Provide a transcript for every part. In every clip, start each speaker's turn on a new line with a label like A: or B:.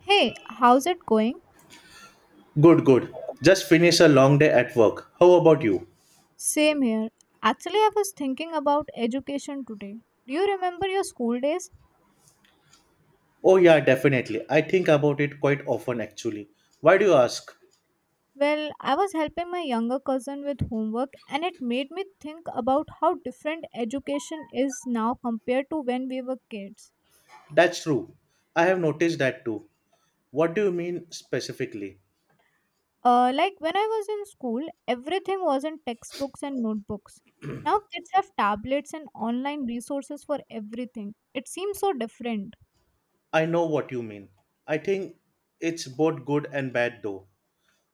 A: Hey, how's it going?
B: Good, good. Just finished a long day at work. How about you?
A: Same here. Actually, I was thinking about education today. Do you remember your school days?
B: Oh, yeah, definitely. I think about it quite often, actually. Why do you ask?
A: Well, I was helping my younger cousin with homework, and it made me think about how different education is now compared to when we were kids.
B: That's true. I have noticed that too. What do you mean specifically?
A: Like when I was in school, everything was in textbooks and notebooks. Now kids have tablets and online resources for everything. It seems so different.
B: I know what you mean. I think it's both good and bad, though.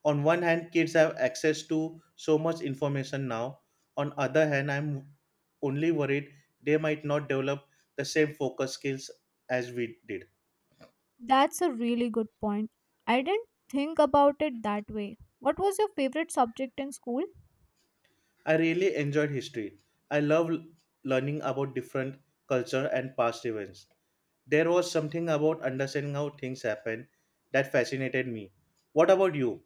B: On one hand, kids have access to so much information now. On other hand, I'm only worried they might not develop the same focus skills as we did.
A: That's a really good point. I didn't think about it that way. What was your favorite subject in school?
B: I really enjoyed history. I love learning about different culture and past events. There was something about understanding how things happen that fascinated me. What about you?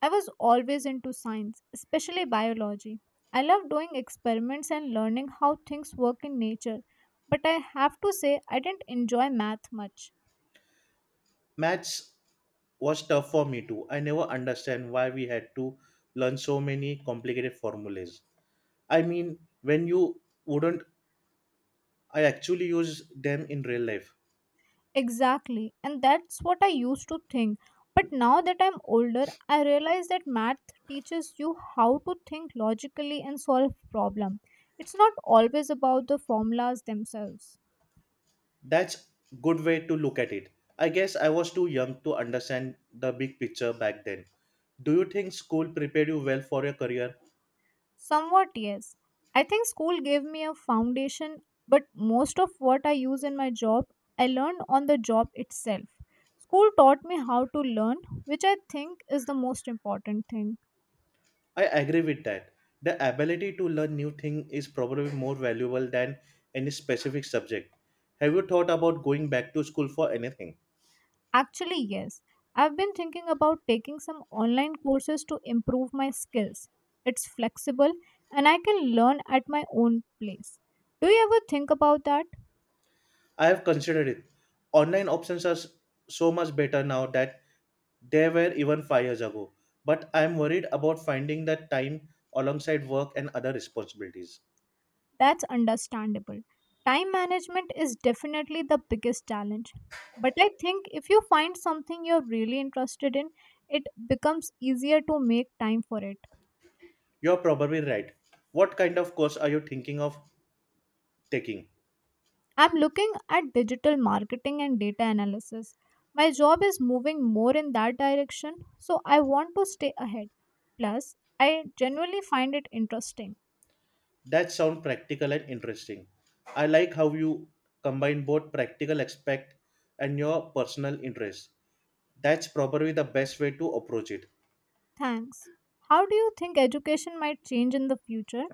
A: I was always into science, especially biology. I love doing experiments and learning how things work in nature, but I have to say I didn't enjoy math much.
B: Maths was tough for me too. I never understand why we had to learn so many complicated formulas. I mean, when you wouldn't I actually use them in real life.
A: Exactly, and that's what I used to think. But now that I'm older, I realize that math teaches you how to think logically and solve problems. It's not always about the formulas themselves.
B: That's good way to look at it. I guess I was too young to understand the big picture back then. Do you think school prepared you well for your career?
A: Somewhat, yes. I think school gave me a foundation, but most of what I use in my job, I learned on the job itself. School taught me how to learn, which I think is the most important thing.
B: I agree with that. The ability to learn new thing is probably more valuable than any specific subject. Have you thought about going back to school for anything?
A: Actually, yes. I've been thinking about taking some online courses to improve my skills. It's flexible and I can learn at my own place. Do you ever think about that?
B: I have considered it. Online options are s- so much better now that they were even 5 years ago, but I am worried about finding that time alongside work and other responsibilities.
A: That's understandable. Time management is definitely the biggest challenge. But I think if you find something you're really interested in, it becomes easier to make time for it.
B: You're probably right. What kind of course are you thinking of taking?
A: I'm looking at digital marketing and data analysis. My job is moving more in that direction, so I want to stay ahead. Plus, I genuinely find it interesting.
B: That sounds practical and interesting. I like how you combine both practical aspect and your personal interest. That's probably the best way to approach it.
A: Thanks. How do you think education might change in the future?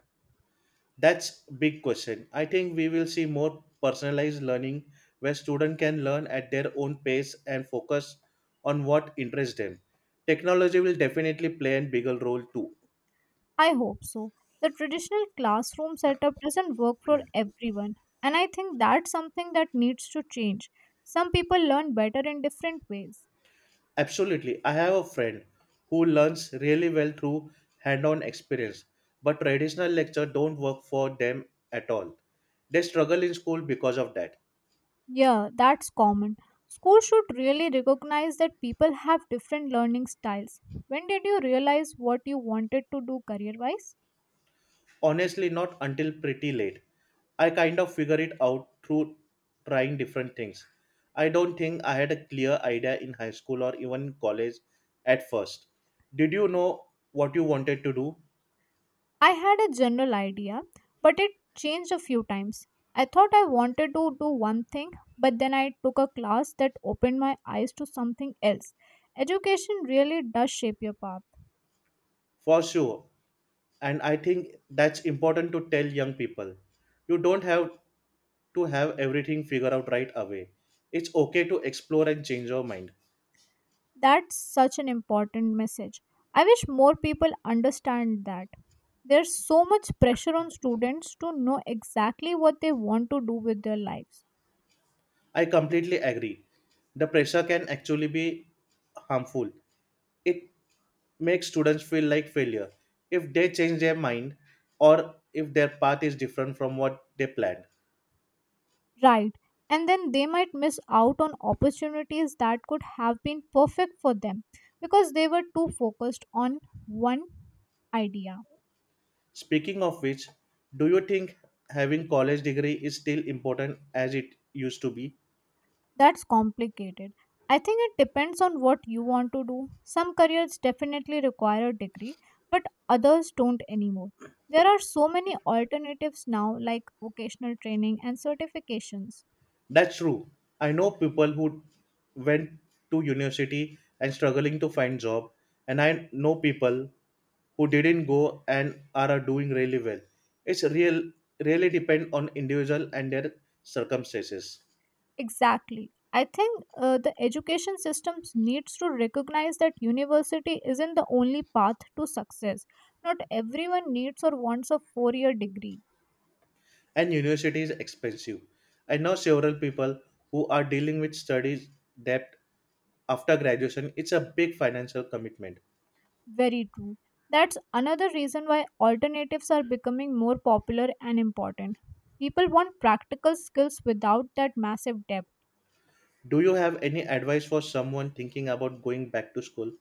B: That's big question. I think we will see more personalized learning where students can learn at their own pace and focus on what interests them. Technology will definitely play a bigger role too.
A: I hope so. The traditional classroom setup doesn't work for everyone, and I think that's something that needs to change. Some people learn better in different ways.
B: Absolutely. I have a friend who learns really well through hand-on experience, but traditional lecture don't work for them at all. They struggle in school because of that.
A: Yeah, that's common. Schools should really recognize that people have different learning styles. When did you realize what you wanted to do career wise?
B: Honestly, not until pretty late. I kind of figure it out through trying different things. I don't think I had a clear idea in high school or even college at first. Did you know what you wanted to do?
A: I had a general idea, but it changed a few times. I thought I wanted to do one thing, but then I took a class that opened my eyes to something else. Education really does shape your path.
B: For sure. And I think that's important to tell young people. You don't have to have everything figured out right away. It's okay to explore and change your mind.
A: That's such an important message. I wish more people understand that. There's so much pressure on students to know exactly what they want to do with their lives.
B: I completely agree. The pressure can actually be harmful. It makes students feel like failure if they change their mind or if their path is different from what they planned.
A: Right. And then they might miss out on opportunities that could have been perfect for them because they were too focused on one idea.
B: Speaking of which, do you think having college degree is still important as it used to be?
A: That's complicated. I think it depends on what you want to do. Some careers definitely require a degree, but others don't anymore. There are so many alternatives now, like vocational training and certifications.
B: That's true. I know people who went to university and struggling to find job, and I know people who didn't go and are doing really well. It's real really depend on individual and their circumstances.
A: Exactly. I think the education systems needs to recognize that university isn't the only path to success. Not everyone needs or wants a four-year degree.
B: And university is expensive. I know several people who are dealing with studies debt after graduation. It's a big financial commitment.
A: Very true. That's another reason why alternatives are becoming more popular and important. People want practical skills without that massive debt.
B: Do you have any advice for someone thinking about going back to school?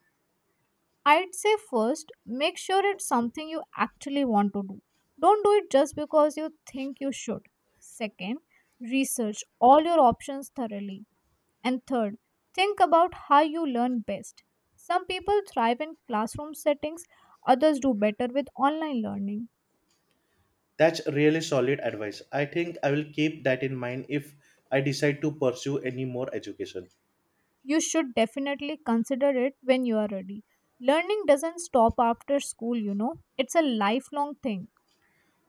A: I'd say first, make sure it's something you actually want to do. Don't do it just because you think you should. Second, research all your options thoroughly. And third, think about how you learn best. Some people thrive in classroom settings, others do better with online learning.
B: That's really solid advice. I think I will keep that in mind if I decide to pursue any more education.
A: You should definitely consider it when you are ready. Learning doesn't stop after school, you know, it's a lifelong thing.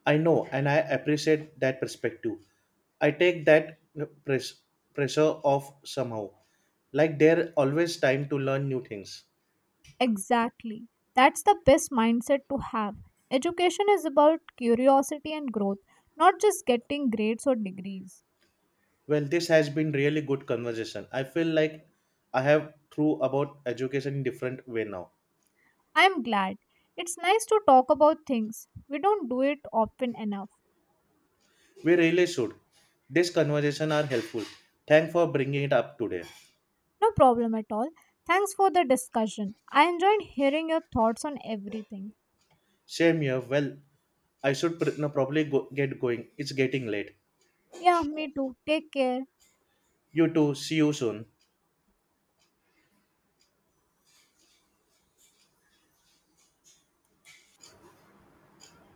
B: I know and I appreciate that perspective. I take that press, pressure off somehow. Like there always time to learn new things.
A: Exactly. That's the best mindset to have. Education is about curiosity and growth, not just getting grades or degrees.
B: Well, this has been really good conversation. I feel like I have through about education in different way now.
A: I'm glad. It's nice to talk about things. We don't do it often enough.
B: We really should. This conversation are helpful. Thanks for bringing it up today.
A: No problem at all. Thanks for the discussion. I enjoyed hearing your thoughts on everything.
B: Same here. Well, I should pr- no, probably get going. It's getting late.
A: Yeah, me too. Take care.
B: You too. See you soon.